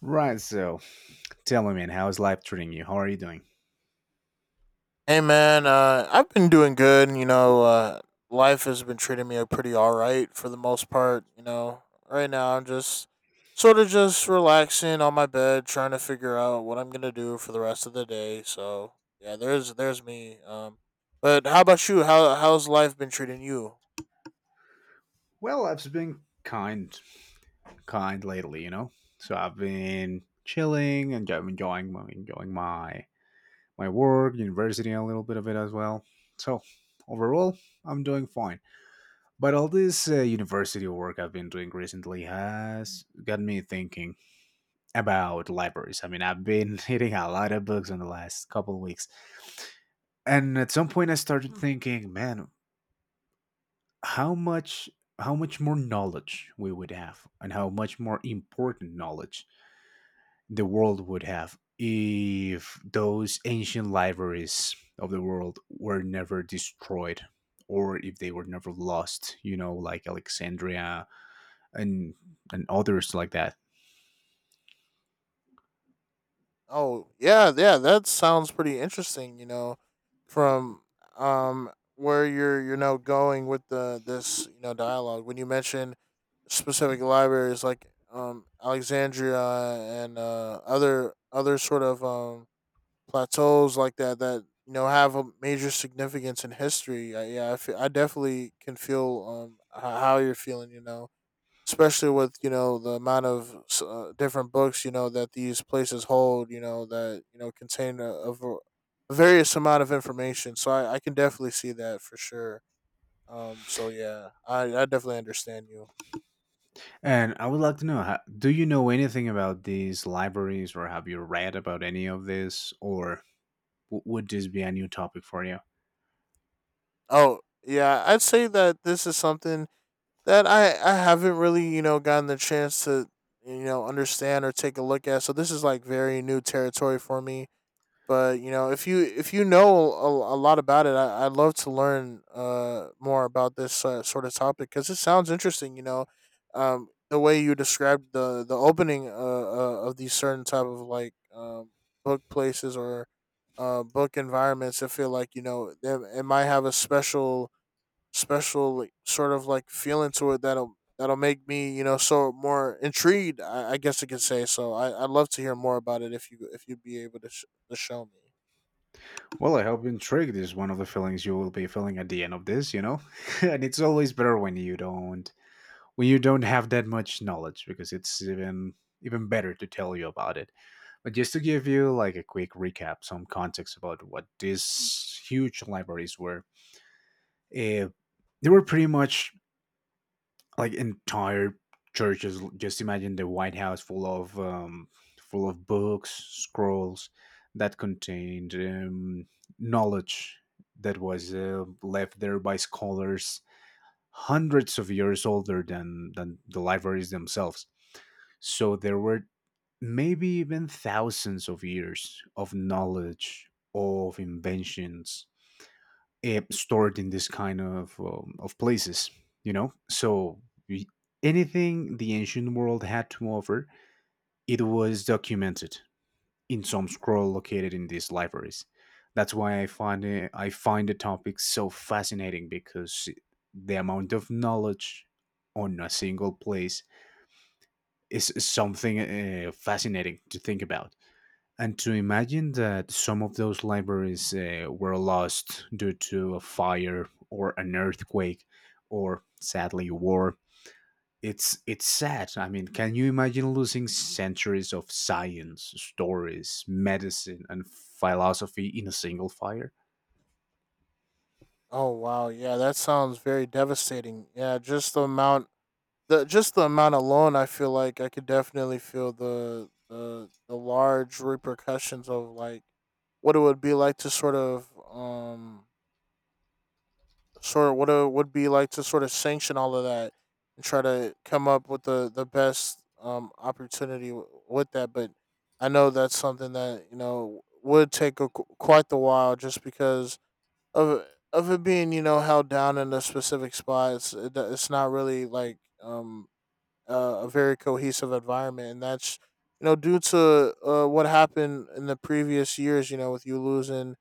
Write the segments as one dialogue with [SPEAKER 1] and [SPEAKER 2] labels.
[SPEAKER 1] Right, so tell me, man, how is life treating you? How are you doing?
[SPEAKER 2] Hey man, I've been doing good. You know, life has been treating me pretty all right for the most part. You know, right now I'm just sort of just relaxing on my bed, trying to figure out what I'm gonna do for the rest of the day. So yeah, there's me. But how about you? How's life been treating you?
[SPEAKER 1] Well, I've been kind lately, you know. So I've been chilling and I'm enjoying my work, university, a little bit of it as well. So overall, I'm doing fine. But all this university work I've been doing recently has got me thinking about libraries. I mean, I've been hitting a lot of books in the last couple of weeks, and at some point, I started thinking, man. how much how much more knowledge we would have and how much more important knowledge the world would have if those ancient libraries of the world were never destroyed, or if they were never lost, you know, like Alexandria and and others like that.
[SPEAKER 2] Oh yeah, yeah, that sounds pretty interesting. You know, from where you're, you know, going with the this, you know, dialogue when you mentioned specific libraries like Alexandria and other sort of plateaus like that that, you know, have a major significance in history. I, yeah, I, feel, I definitely can feel how you're feeling. You know, especially with, you know, the amount of different books, you know, that these places hold, you know, that, you know, contain a, a various amount of information, so I can definitely see that for sure. So yeah, I definitely understand you.
[SPEAKER 1] And I would like to know, how, do you know anything about these libraries, or have you read about any of this, or would this be a new topic for you?
[SPEAKER 2] Oh yeah, I'd say that this is something that I haven't really, you know, gotten the chance to, you know, understand or take a look at, so this is like very new territory for me. But, you know, if you, if you know a lot about it, I, I'd love to learn more about this sort of topic because it sounds interesting, you know. The way you described the opening, of these certain type of like book places or book environments, I feel like, you know, they, it might have a special special like, sort of like feeling to it that'll that'll make me, you know, so more intrigued. I guess I could say, so I, I'd love to hear more about it if you, if you'd be able to, to show me.
[SPEAKER 1] Well, I hope intrigued is one of the feelings you will be feeling at the end of this, you know? And it's always better when you don't have that much knowledge, because it's even better to tell you about it. But just to give you like a quick recap, some context about what these huge libraries were, uh, they were pretty much like entire churches. Just imagine the White House full of books, scrolls that contained, knowledge that was left there by scholars hundreds of years older than the libraries themselves. So there were maybe even thousands of years of knowledge, of inventions, stored in this kind of places, you know. So y- anything the ancient world had to offer, it was documented in some scroll located in these libraries. That's why I find the topic so fascinating, because the amount of knowledge on a single place is something fascinating to think about. And to imagine that some of those libraries were lost due to a fire or an earthquake, or sadly war. It's sad. I mean, can you imagine losing centuries of science, stories, medicine and philosophy in a single fire?
[SPEAKER 2] Oh wow, yeah, that sounds very devastating. Yeah, just the amount, the just the amount alone I feel like I could definitely feel the large repercussions of like what it would be like to sort of what it would be like to sort of sanction all of that and try to come up with the best opportunity with that. But I know that's something that, you know, would take a, quite the while just because of of it being, you know, held down in a specific spot. It's it, it's not really like a very cohesive environment, and that's, you know, due to what happened in the previous years, you know, with you losing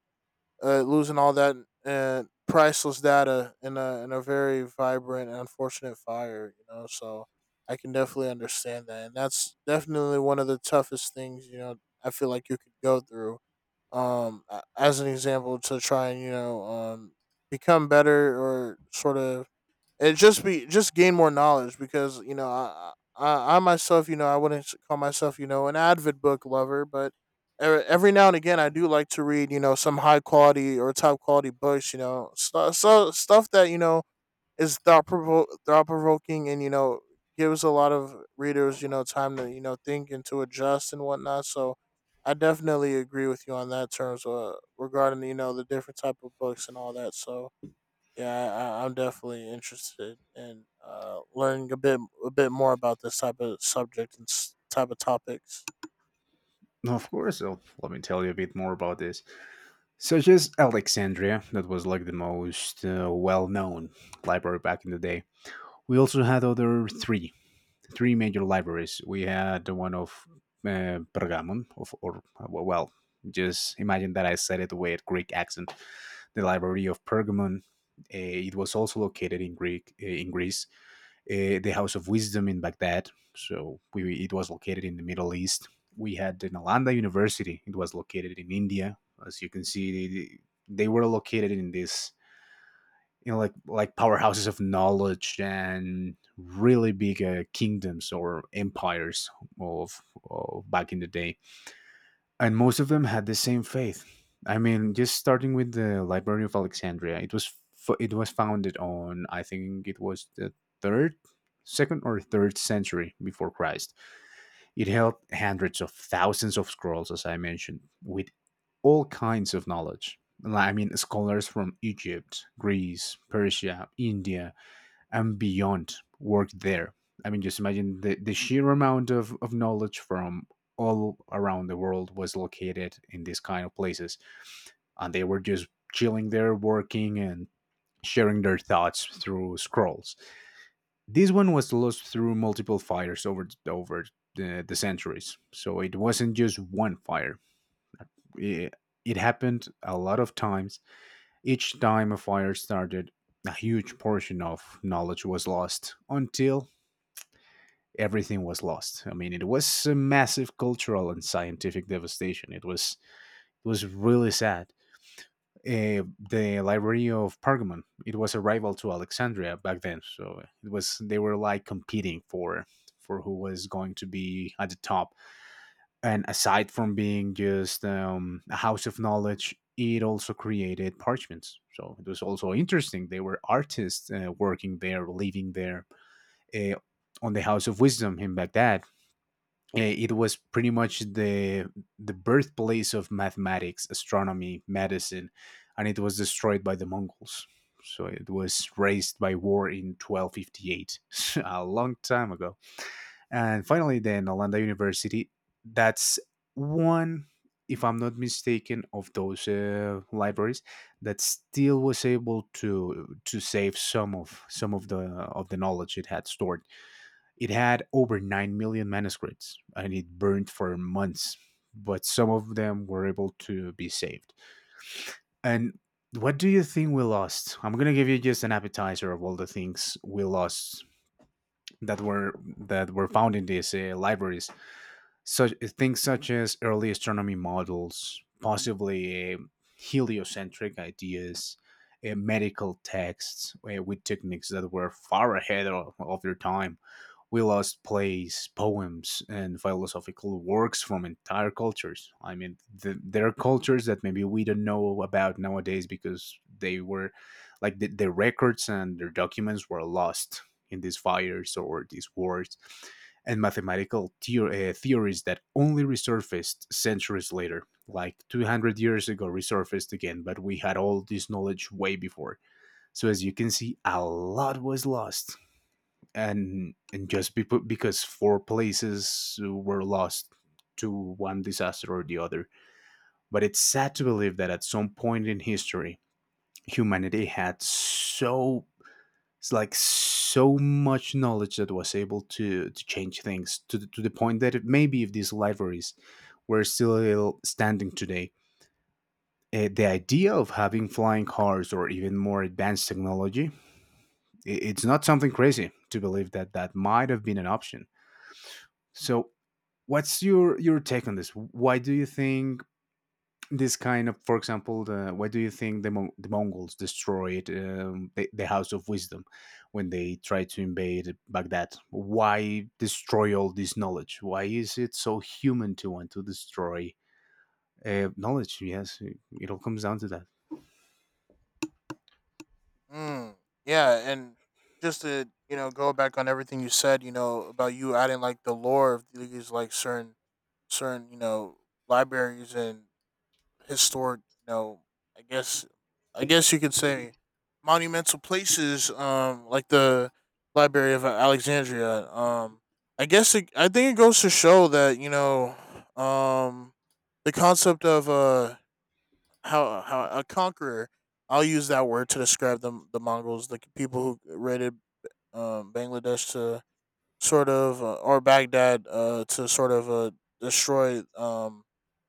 [SPEAKER 2] losing all that priceless data in a very vibrant and unfortunate fire. You know, so I can definitely understand that, and that's definitely one of the toughest things. You know, I feel like you could go through. As an example, to try and, you know, become better or sort of it just be just gain more knowledge, because, you know, I myself, you know, I wouldn't call myself, you know, an avid book lover, but every now and again I do like to read, you know, some high quality or top quality books. You know, so, so stuff that, you know, is thought provoking and, you know, gives a lot of readers, you know, time to, you know, think and to adjust and whatnot. So I definitely agree with you on that terms regarding, you know, the different type of books and all that. So yeah, I'm definitely interested in learning a bit more about this type of subject and type of topics.
[SPEAKER 1] No, of course. Oh, let me tell you a bit more about this. Such as Alexandria, that was like the most well known library back in the day. We also had other three major libraries. We had the one of Pergamon, just imagine that I said it with Greek accent. The library of Pergamon. It was also located in Greek in Greece. The House of Wisdom in Baghdad. So it was located in the Middle East. We had the Nalanda University. It was located in India. As you can see, they were located in these, you know, like powerhouses of knowledge and really big kingdoms or empires of, of back in the day. And most of them had the same faith. I mean, just starting with the library of Alexandria, it was it was founded on, I think it was the third, second or third century before Christ. It held hundreds of thousands of scrolls, as I mentioned, with all kinds of knowledge. Like, I mean, scholars from Egypt, Greece, Persia, India, and beyond worked there. I mean, just imagine the sheer amount of knowledge from all around the world was located in these kind of places. And they were just chilling there, working, and sharing their thoughts through scrolls. This one was lost through multiple fires over the centuries, so it wasn't just one fire. It, it happened a lot of times. Each time a fire started, a huge portion of knowledge was lost until everything was lost. I mean, it was a massive cultural and scientific devastation. It was really sad. uh, the Library of Pergamon. It was a rival to Alexandria back then, so it was they were like competing for who was going to be at the top. And aside from being just a house of knowledge, it also created parchments. So it was also interesting. They were artists working there, living there. Uh, on the House of Wisdom in Baghdad, it was pretty much the birthplace of mathematics, astronomy, medicine, and it was destroyed by the Mongols. So it was razed by war in 1258, a long time ago. And finally, then Nalanda University. That's one, if I'm not mistaken, of those libraries that still was able to save some of the knowledge it had stored. It had over 9 million manuscripts and it burned for months, but some of them were able to be saved. And what do you think we lost? I'm going to give you just an appetizer of all the things we lost that were found in these libraries. Such things such as early astronomy models, possibly heliocentric ideas, medical texts with techniques that were far ahead of their time. We lost plays, poems, and philosophical works from entire cultures. I mean, there are cultures that maybe we don't know about nowadays because they were like the, their records and their documents were lost in these fires or these wars, and mathematical theories that only resurfaced centuries later, like 200 years ago, resurfaced again, but we had all this knowledge way before. So, as you can see, a lot was lost. And put because four places were lost to one disaster or the other. But it's sad to believe that at some point in history, humanity had so it's like so much knowledge that was able to change things to the point that it, maybe if these libraries were still standing today, the idea of having flying cars or even more advanced technology, it's not something crazy to believe that that might have been an option. So what's your take on this? Why do you think this kind of, for example, why do you think the Mongols destroyed the House of Wisdom when they tried to invade Baghdad? Why destroy all this knowledge? Why is it so human to want to destroy knowledge? Yes, it all comes down to that.
[SPEAKER 2] Mm, yeah, and just to, you know, go back on everything you said, you know, about you adding like the lore of these like certain certain, you know, libraries and historic, you know, I guess I guess you could say monumental places, like the Library of Alexandria. I guess it, I think it goes to show that, you know, um, the concept of how a conqueror. I'll use that word to describe the Mongols, the people who raided Bangladesh to sort of or Baghdad, to sort of destroy,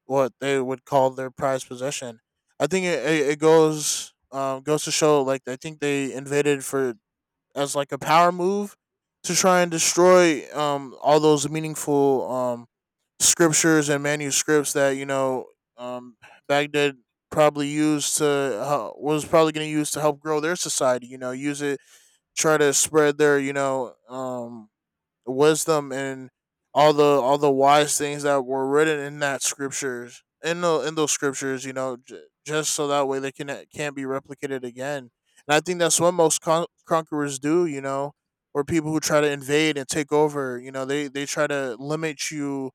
[SPEAKER 2] what they would call their prized possession. I think it, it, it goes goes to show like I think they invaded for as like a power move to try and destroy, all those meaningful scriptures and manuscripts that, you know, um, Baghdad probably used to, was probably going to use to help grow their society. You know, use it try to spread their, you know, wisdom and all the wise things that were written in that scriptures in the in those scriptures, you know, just so that way they can can't be replicated again. And I think that's what most conquerors do, you know, or people who try to invade and take over, you know, they try to limit you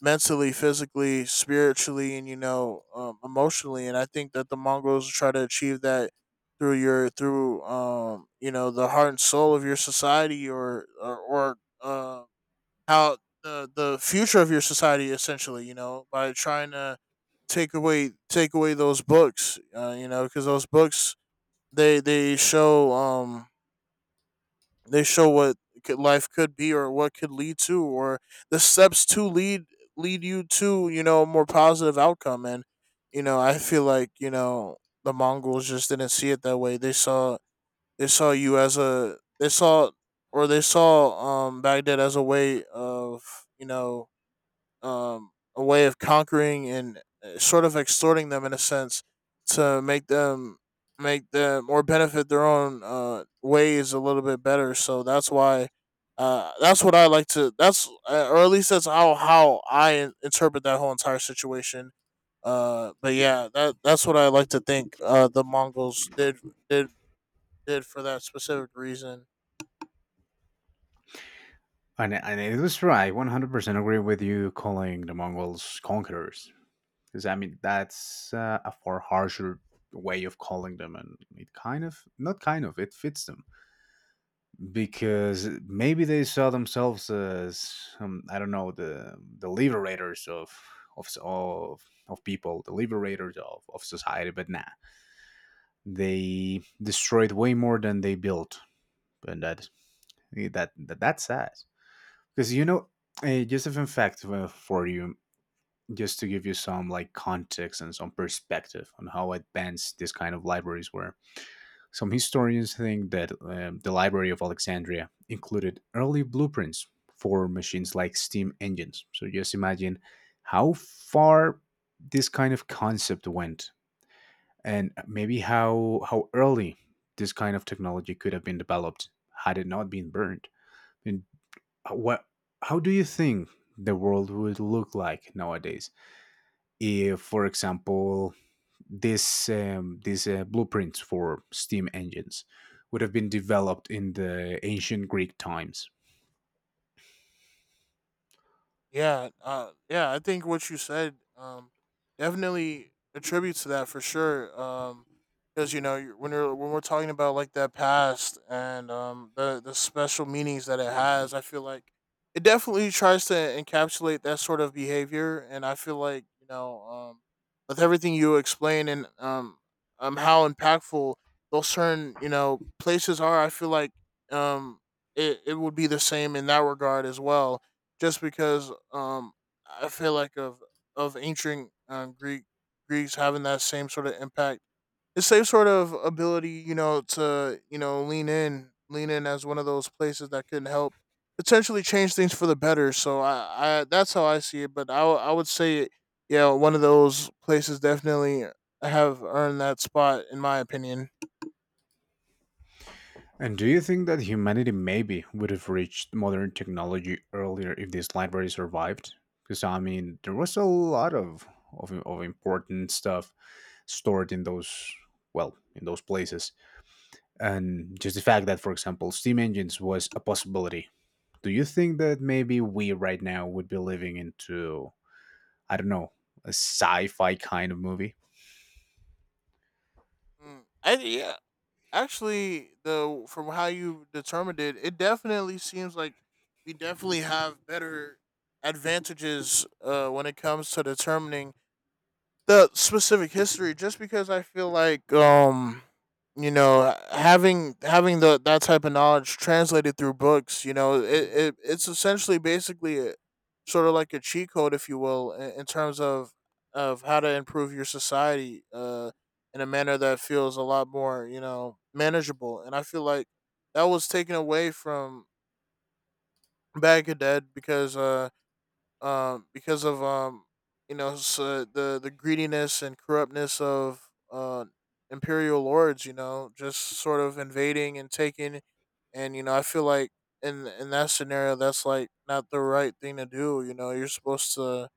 [SPEAKER 2] mentally, physically, spiritually, and, you know, emotionally. And I think that the Mongols try to achieve that through your through, you know, the heart and soul of your society or how the future of your society essentially. You know, by trying to take away those books. You know, because those books they they show um they show what could, life could be, or what could lead to, or the steps to lead lead you to, you know, a more positive outcome. And, you know, I feel like, you know, the Mongols just didn't see it that way. They saw you as a they saw or they saw Baghdad as a way of, you know, um, a way of conquering and sort of extorting them in a sense to make them or benefit their own ways a little bit better. So that's why that's what I like to that's or at least that's how I interpret that whole entire situation. But yeah, that that's what I like to think. The Mongols did did for that specific reason.
[SPEAKER 1] And it was right. 100% agree with you calling the Mongols conquerors. Because I mean that's a far harsher way of calling them, and it kind of not kind of it fits them. Because maybe they saw themselves as I don't know, the liberators of of people, the liberators of society, but nah, they destroyed way more than they built, and that that's sad, because you know. Just a fun fact for you. Just to give you some like context and some perspective on how advanced these kind of libraries were, some historians think that the library of Alexandria included early blueprints for machines like steam engines. So just imagine how far this kind of concept went, and maybe how early this kind of technology could have been developed had it not been burned. And what how do you think the world would look like nowadays if, for example, this these blueprints for steam engines would have been developed in the ancient Greek times.
[SPEAKER 2] Yeah, yeah. I think what you said, definitely attributes to that for sure. Because, you know, you- when you're when we're talking about like that past and, the special meanings that it has, I feel like it definitely tries to encapsulate that sort of behavior. And I feel like, you know, with everything you explain and, how impactful those certain, you know, places are, I feel like, um, it it would be the same in that regard as well, just because, I feel like of ancient, Greek Greeks having that same sort of impact, the same sort of ability, you know, to, you know, lean in, lean in as one of those places that can help potentially change things for the better. So I that's how I see it. But I, I would say, yeah, one of those places definitely have earned that spot in my opinion.
[SPEAKER 1] And do you think that humanity maybe would have reached modern technology earlier if this library survived? Because I mean, there was a lot of important stuff stored in those, well, in those places, and just the fact that, for example, steam engines was a possibility. Do you think that maybe we right now would be living into, I don't know, a sci-fi kind of movie.
[SPEAKER 2] Mm, I yeah, actually, the from how you determined it, it definitely seems like we definitely have better advantages when it comes to determining the specific history, just because I feel like, you know, having having the that type of knowledge translated through books, you know, it it's essentially basically a, sort of like a cheat code if you will in terms of how to improve your society in a manner that feels a lot more, you know, manageable. And I feel like that was taken away from Baghdad because uh because of, you know, s the greediness and corruptness of imperial lords. You know, just sort of invading and taking, and, you know, I feel like in that scenario, that's like not the right thing to do. You know, you're supposed to,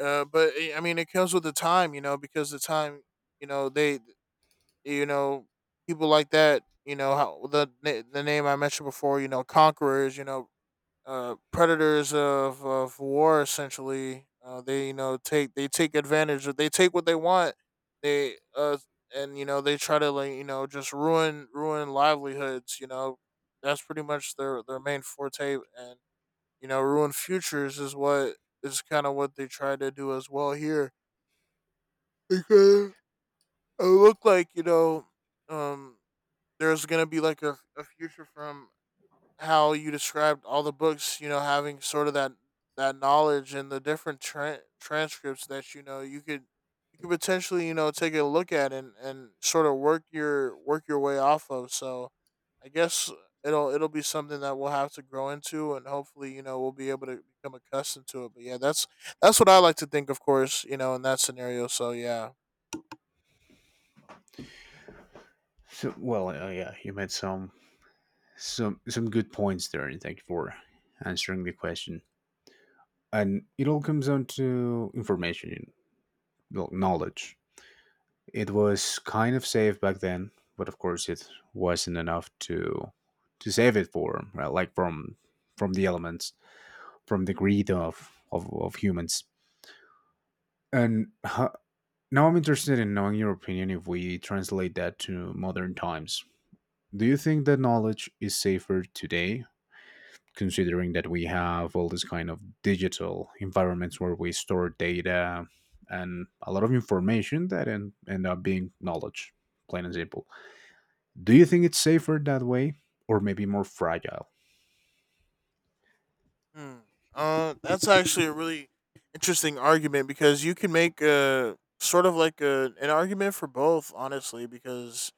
[SPEAKER 2] but eh, I mean, it comes with the time. You know, because the time, you know, they, you know, people like that. You know how the the name I mentioned before. You know, conquerors. You know, predators of war essentially they you know take they take advantage of they take what they want they and you know they try to like you know just ruin livelihoods you know that's pretty much their main forte and you know ruin futures is what is kind of what they try to do as well here because it looked like you know um there's gonna be like a future from how you described all the books, you know, having sort of that that knowledge and the different transcripts that you know you could potentially you know take a look at and sort of work your way off of. So I guess it'll be something that we'll have to grow into and hopefully you know we'll be able to become accustomed to it. But yeah, that's what I like to think, of course, you know, in that scenario. So yeah.
[SPEAKER 1] So, well, yeah, you made some some good points there, and thank you for answering the question. And it all comes down to information, and, well, knowledge. It was kind of safe back then, but of course, it wasn't enough to save it for like from the elements, from the greed of of humans. And now I'm interested in knowing your opinion. If we translate that to modern times, do you think that knowledge is safer today, considering that we have all this kind of digital environments where we store data and a lot of information that end up being knowledge, plain and simple? Do you think it's safer that way, or maybe more fragile?
[SPEAKER 2] Hmm. That's actually a really interesting argument because you can make a sort of like an argument for both, honestly. Because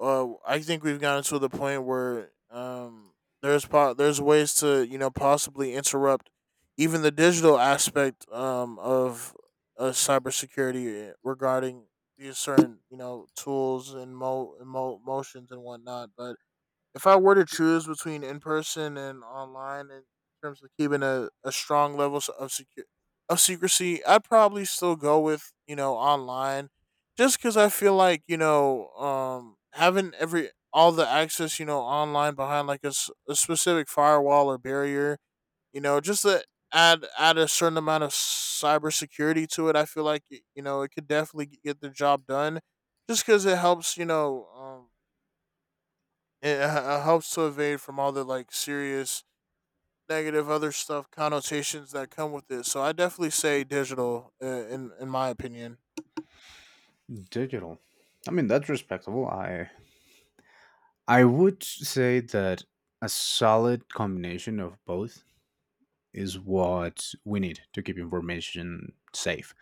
[SPEAKER 2] I think we've gotten to the point where there's there's ways to you know possibly interrupt even the digital aspect of cybersecurity regarding these certain you know tools and and motions and whatnot, but. If I were to choose between in person and online in terms of keeping a strong level of secure of secrecy, I'd probably still go with, you know, online just because I feel like, you know, having every all the access, you know, online behind like a specific firewall or barrier, you know, just to add a certain amount of cybersecurity to it, I feel like, you know, it could definitely get the job done just because it helps, you know, it helps to evade from all the like serious negative other stuff connotations that come with it. So I definitely say digital in my opinion.
[SPEAKER 1] Digital. I mean, that's respectable. I would say that a solid combination of both is what we need to keep information safe.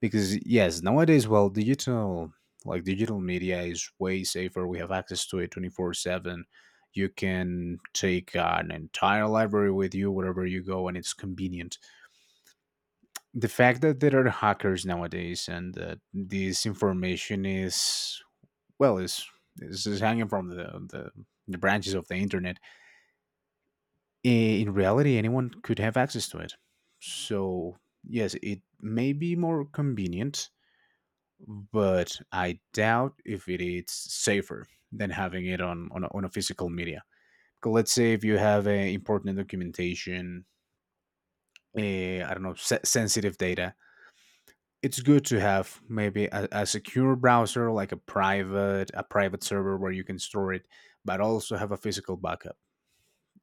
[SPEAKER 1] Because yes, nowadays, well, digital like digital media is way safer. We have access to it 24/7. You can take an entire library with you wherever you go, and it's convenient. The fact that there are hackers nowadays and that this information is well is is hanging from the the branches of the internet, in reality, anyone could have access to it. So, yes, it may be more convenient, but I doubt if it is safer than having it on a physical media. 'Cause let's say if you have a important documentation, I don't know, sensitive data, it's good to have maybe a secure browser, like a private server where you can store it, but also have a physical backup.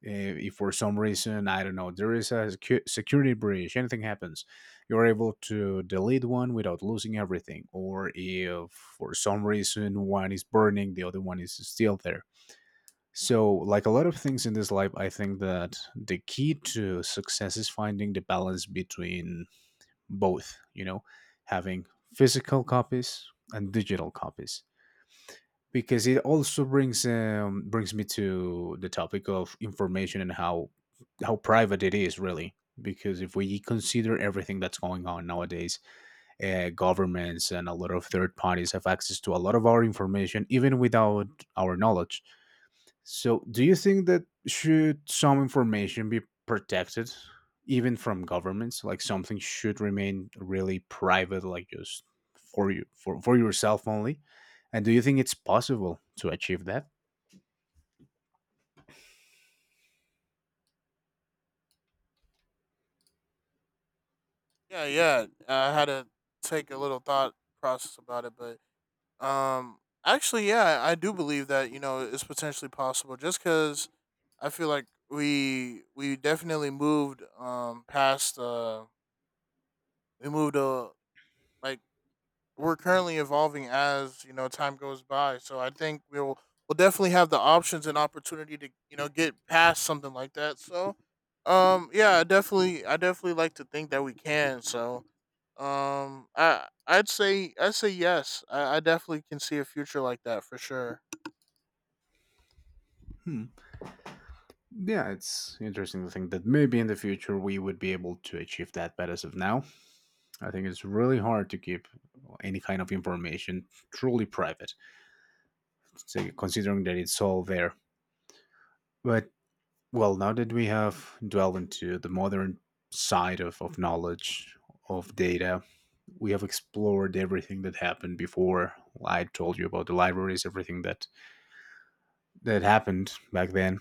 [SPEAKER 1] If for some reason, I don't know, there is a security breach, anything happens, you're able to delete one without losing everything, or if for some reason one is burning, the other one is still there. So like a lot of things in this life, I think that the key to success is finding the balance between both, you know, having physical copies and digital copies. Because it also brings me to the topic of information and how private it is really. Because if we consider everything that's going on nowadays, governments and a lot of third parties have access to a lot of our information, even without our knowledge. So, do you think that should some information be protected, even from governments? Like something should remain really private, like just for you, for yourself only. And do you think it's possible to achieve that?
[SPEAKER 2] Yeah, yeah. I had to take a little thought process about it, but um actually yeah, I do believe that, you know, it's potentially possible just cuz I feel like we definitely moved past we moved like we're currently evolving as you know time goes by. So I think we'll definitely have the options and opportunity to you know get past something like that. So, yeah, I definitely like to think that we can. So, I'd say yes. I definitely can see a future like that for sure.
[SPEAKER 1] Hmm. Yeah, it's interesting to think that maybe in the future we would be able to achieve that, but as of now, I think it's really hard to keep any kind of information truly private, so considering that it's all there. But, well, now that we have dwelled into the modern side of knowledge, of data, we have explored everything that happened before. I told you about the libraries, everything that, that happened back then.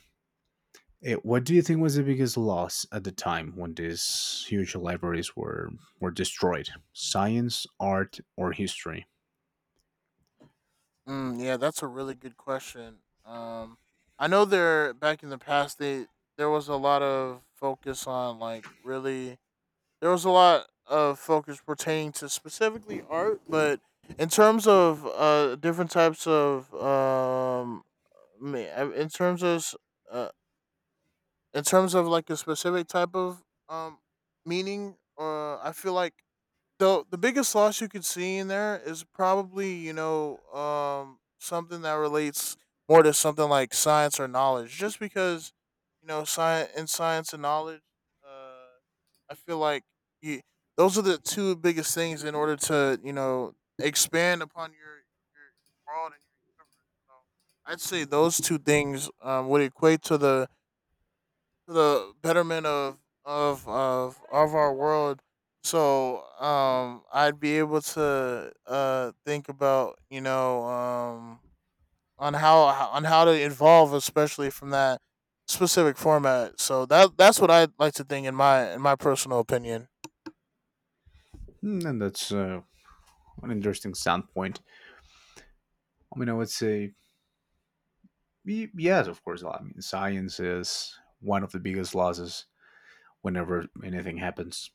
[SPEAKER 1] What do you think was the biggest loss at the time when these huge libraries were destroyed? Science, art, or history?
[SPEAKER 2] Mm, yeah, that's a really good question. Um, I know there back in the past they there was a lot of focus on like really there was a lot of focus pertaining to specifically art, but in terms of different types of me- in terms of uh in terms of like a specific type of um meaning, I feel like the biggest loss you could see in there is probably you know something that relates more to something like science or knowledge, just because you know science in science and knowledge. Uh, I feel like you, those are the two biggest things in order to you know expand upon your world and your universe. So I'd say those two things would equate to the betterment of of our world. So I'd be able to think about you know on how to evolve, especially from that specific format. So that that's what I'd like to think in my personal opinion.
[SPEAKER 1] Hmm. And that's an interesting standpoint. I mean, I would say, yes, of course. I mean, science is one of the biggest losses whenever anything happens.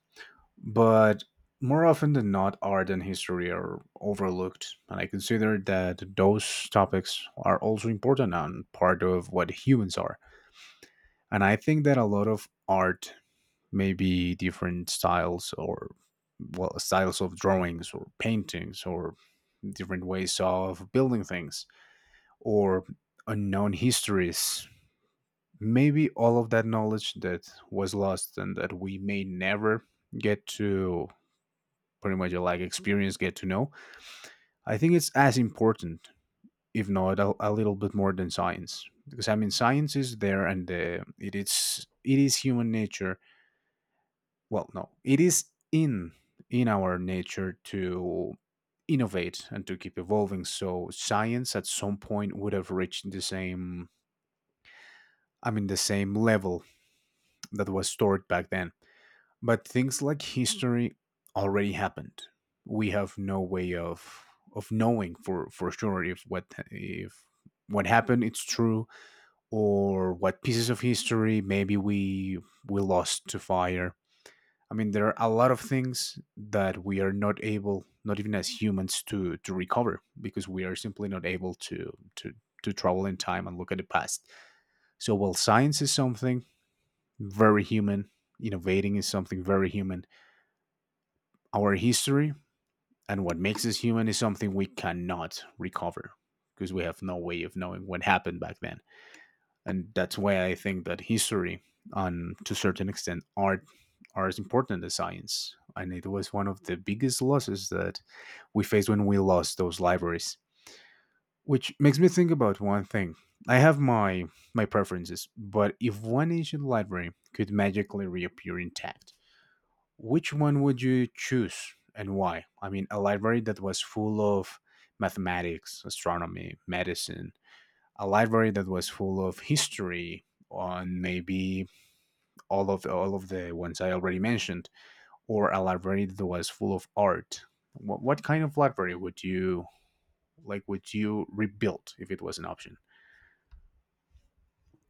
[SPEAKER 1] But more often than not, art and history are overlooked. And I consider that those topics are also important and part of what humans are. And I think that a lot of art, maybe different styles or, well, styles of drawings or paintings or different ways of building things or unknown histories, maybe all of that knowledge that was lost and that we may never get to pretty much like experience, get to know. I think it's as important, if not a little bit more than science, because I mean science is there and it is human nature. Well, no, it is in in our nature to innovate and to keep evolving, so science at some point would have reached the same, I mean the same level that was stored back then. But things like history already happened. We have no way of knowing for sure if what, if what happened it's true, or what pieces of history maybe we lost to fire. I mean, there are a lot of things that we are not able, not even as humans, to recover, because we are simply not able to to travel in time and look at the past. So while science is something very human, innovating is something very human, our history and what makes us human is something we cannot recover, because we have no way of knowing what happened back then. And that's why I think that history and to a certain extent art are as important as science. And it was one of the biggest losses that we faced when we lost those libraries. Which makes me think about one thing. I have my my preferences, but if one ancient library could magically reappear intact, which one would you choose and why? I mean, a library that was full of mathematics, astronomy, medicine, a library that was full of history, on maybe all of the ones I already mentioned, or a library that was full of art. What kind of library would you like? Would you rebuild if it was an option?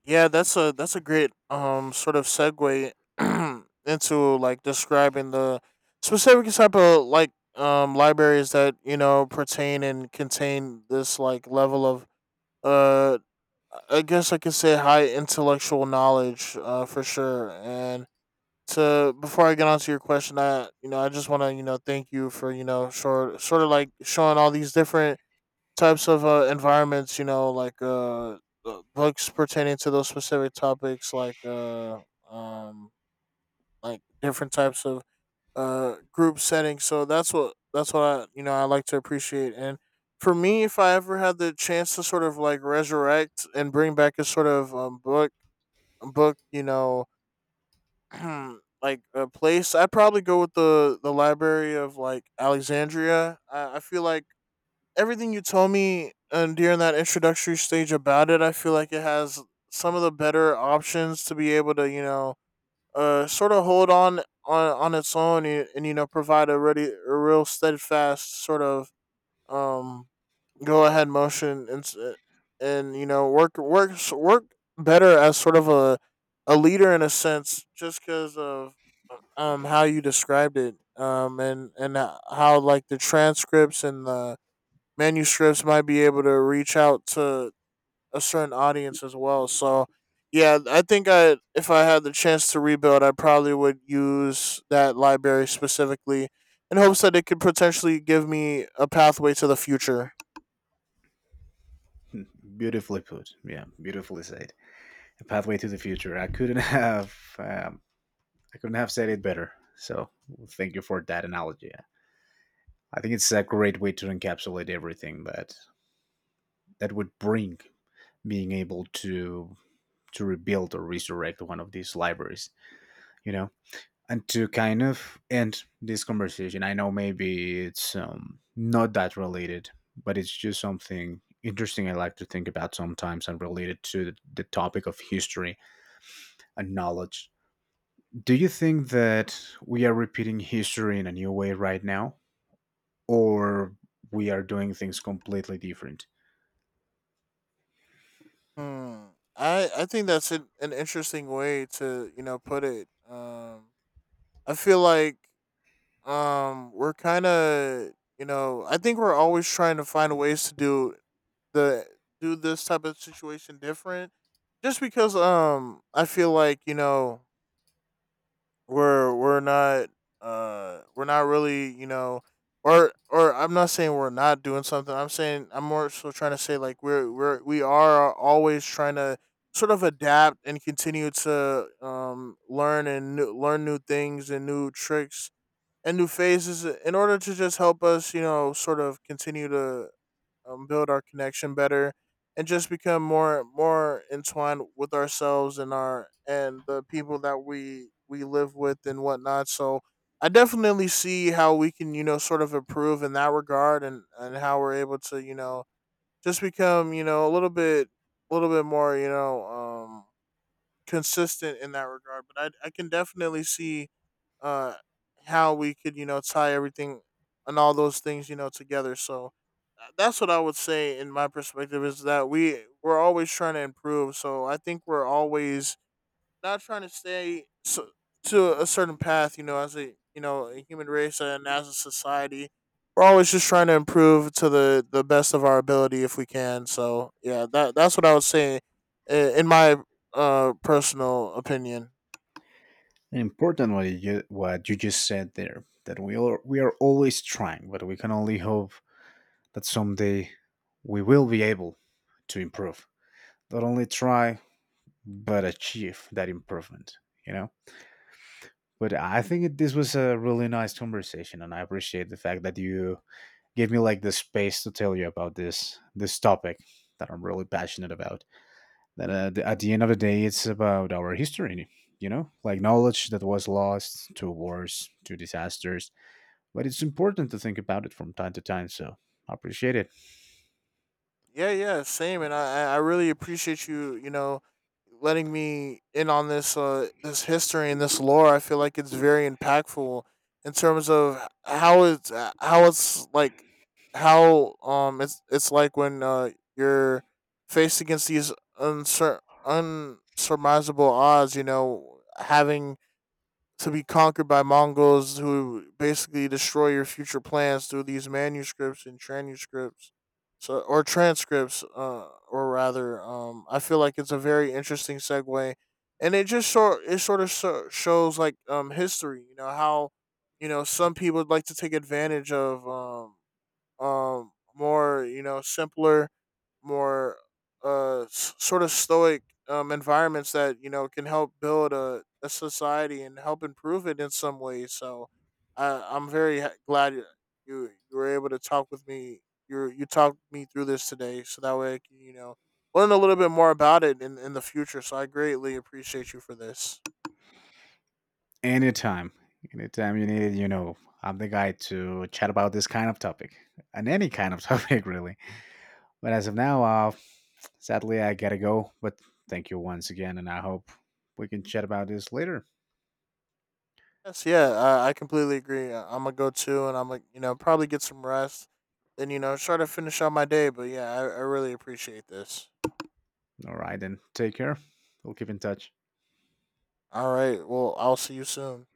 [SPEAKER 2] Yeah, that's a great sort of segue into like describing the specific type of like libraries that you know pertain and contain this like level of uh I guess I could say high intellectual knowledge for sure and to before I get on to your question I you know I just want to you know thank you for you know sort of like showing all these different types of environments, you know, like books pertaining to those specific topics, um, like different types of group settings. So that's what I you know I like to appreciate. And for me, if I ever had the chance to sort of like resurrect and bring back a sort of book book, you know. Like a place I'd probably go with the library of like Alexandria. I feel like everything you told me and during that introductory stage about it, I feel like it has some of the better options to be able to, you know, sort of hold on its own and you know provide a ready, a real steadfast sort of um go ahead motion and and you know work better as sort of a leader in a sense just because of how you described it and how like the transcripts and the manuscripts might be able to reach out to a certain audience as well. So yeah, I think I if I had the chance to rebuild, I probably would use that library specifically in hopes that it could potentially give me a pathway to the future.
[SPEAKER 1] Beautifully put. Yeah, beautifully said. A pathway to the future. I couldn't have um, I couldn't have said it better. So thank you for that analogy. I think it's a great way to encapsulate everything that that would bring being able to rebuild or resurrect one of these libraries, you know. And to kind of end this conversation, I know maybe it's not that related, but it's just something interesting I like to think about sometimes, and related to the topic of history and knowledge. Do you think that we are repeating history in a new way right now, or we are doing things completely different?
[SPEAKER 2] Hmm. I think that's an interesting way to you know put it. I feel like we're kind of you know I think we're always trying to find ways to do the do this type of situation different just because I feel like you know we're not we're not really you know or I'm not saying we're not doing something I'm saying I'm more so trying to say like we are always trying to sort of adapt and continue to learn new things and new tricks and new phases in order to just help us you know sort of continue to build our connection better and just become more entwined with ourselves and our and the people that we live with and whatnot so I definitely see how we can you know sort of improve in that regard and how we're able to you know just become you know a little bit more you know consistent in that regard. But I can definitely see uh how we could you know tie everything and all those things you know together. So that's what I would say in my perspective is that we're always trying to improve. So I think we're always not trying to stay so, to a certain path, you know, as a you know a human race and as a society, we're always just trying to improve to the best of our ability if we can. So yeah, that that's what I would say, in my personal opinion.
[SPEAKER 1] And important what you just said there, that we are always trying, but we can only hope that someday we will be able to improve. Not only try, but achieve that improvement, you know? But I think this was a really nice conversation, and I appreciate the fact that you gave me like the space to tell you about this this topic that I'm really passionate about. That at the end of the day, it's about our history, you know, like knowledge that was lost to wars, to disasters, but it's important to think about it from time to time. So I appreciate it.
[SPEAKER 2] Yeah, yeah, same. And I really appreciate you, you know, letting me in on this, this history and this lore. I feel like it's very impactful in terms of how it's like when you're faced against these unsurmountable odds. You know, having to be conquered by Mongols who basically destroy your future plans through these manuscripts and transcripts. So or transcripts, or rather, I feel like it's a very interesting segue, and it just sort of shows like history, you know how, you know some people would like to take advantage of more you know simpler more sort of stoic environments that you know can help build a society and help improve it in some ways so I I'm very glad you you were able to talk with me you you talked me through this today so that way I can you know learn a little bit more about it in the future so I greatly appreciate you for this.
[SPEAKER 1] Anytime. Anytime you need it, you know, I'm the guy to chat about this kind of topic, and any kind of topic really. But as of now, sadly I gotta go, but thank you once again, and I hope we can chat about this later.
[SPEAKER 2] Yes, yeah, I completely agree. I'm gonna go too, and I'm like, you know, probably get some rest. Then you know, try to finish out my day. But yeah, I really appreciate this.
[SPEAKER 1] All right then, take care. We'll keep in touch.
[SPEAKER 2] All right, well, I'll see you soon.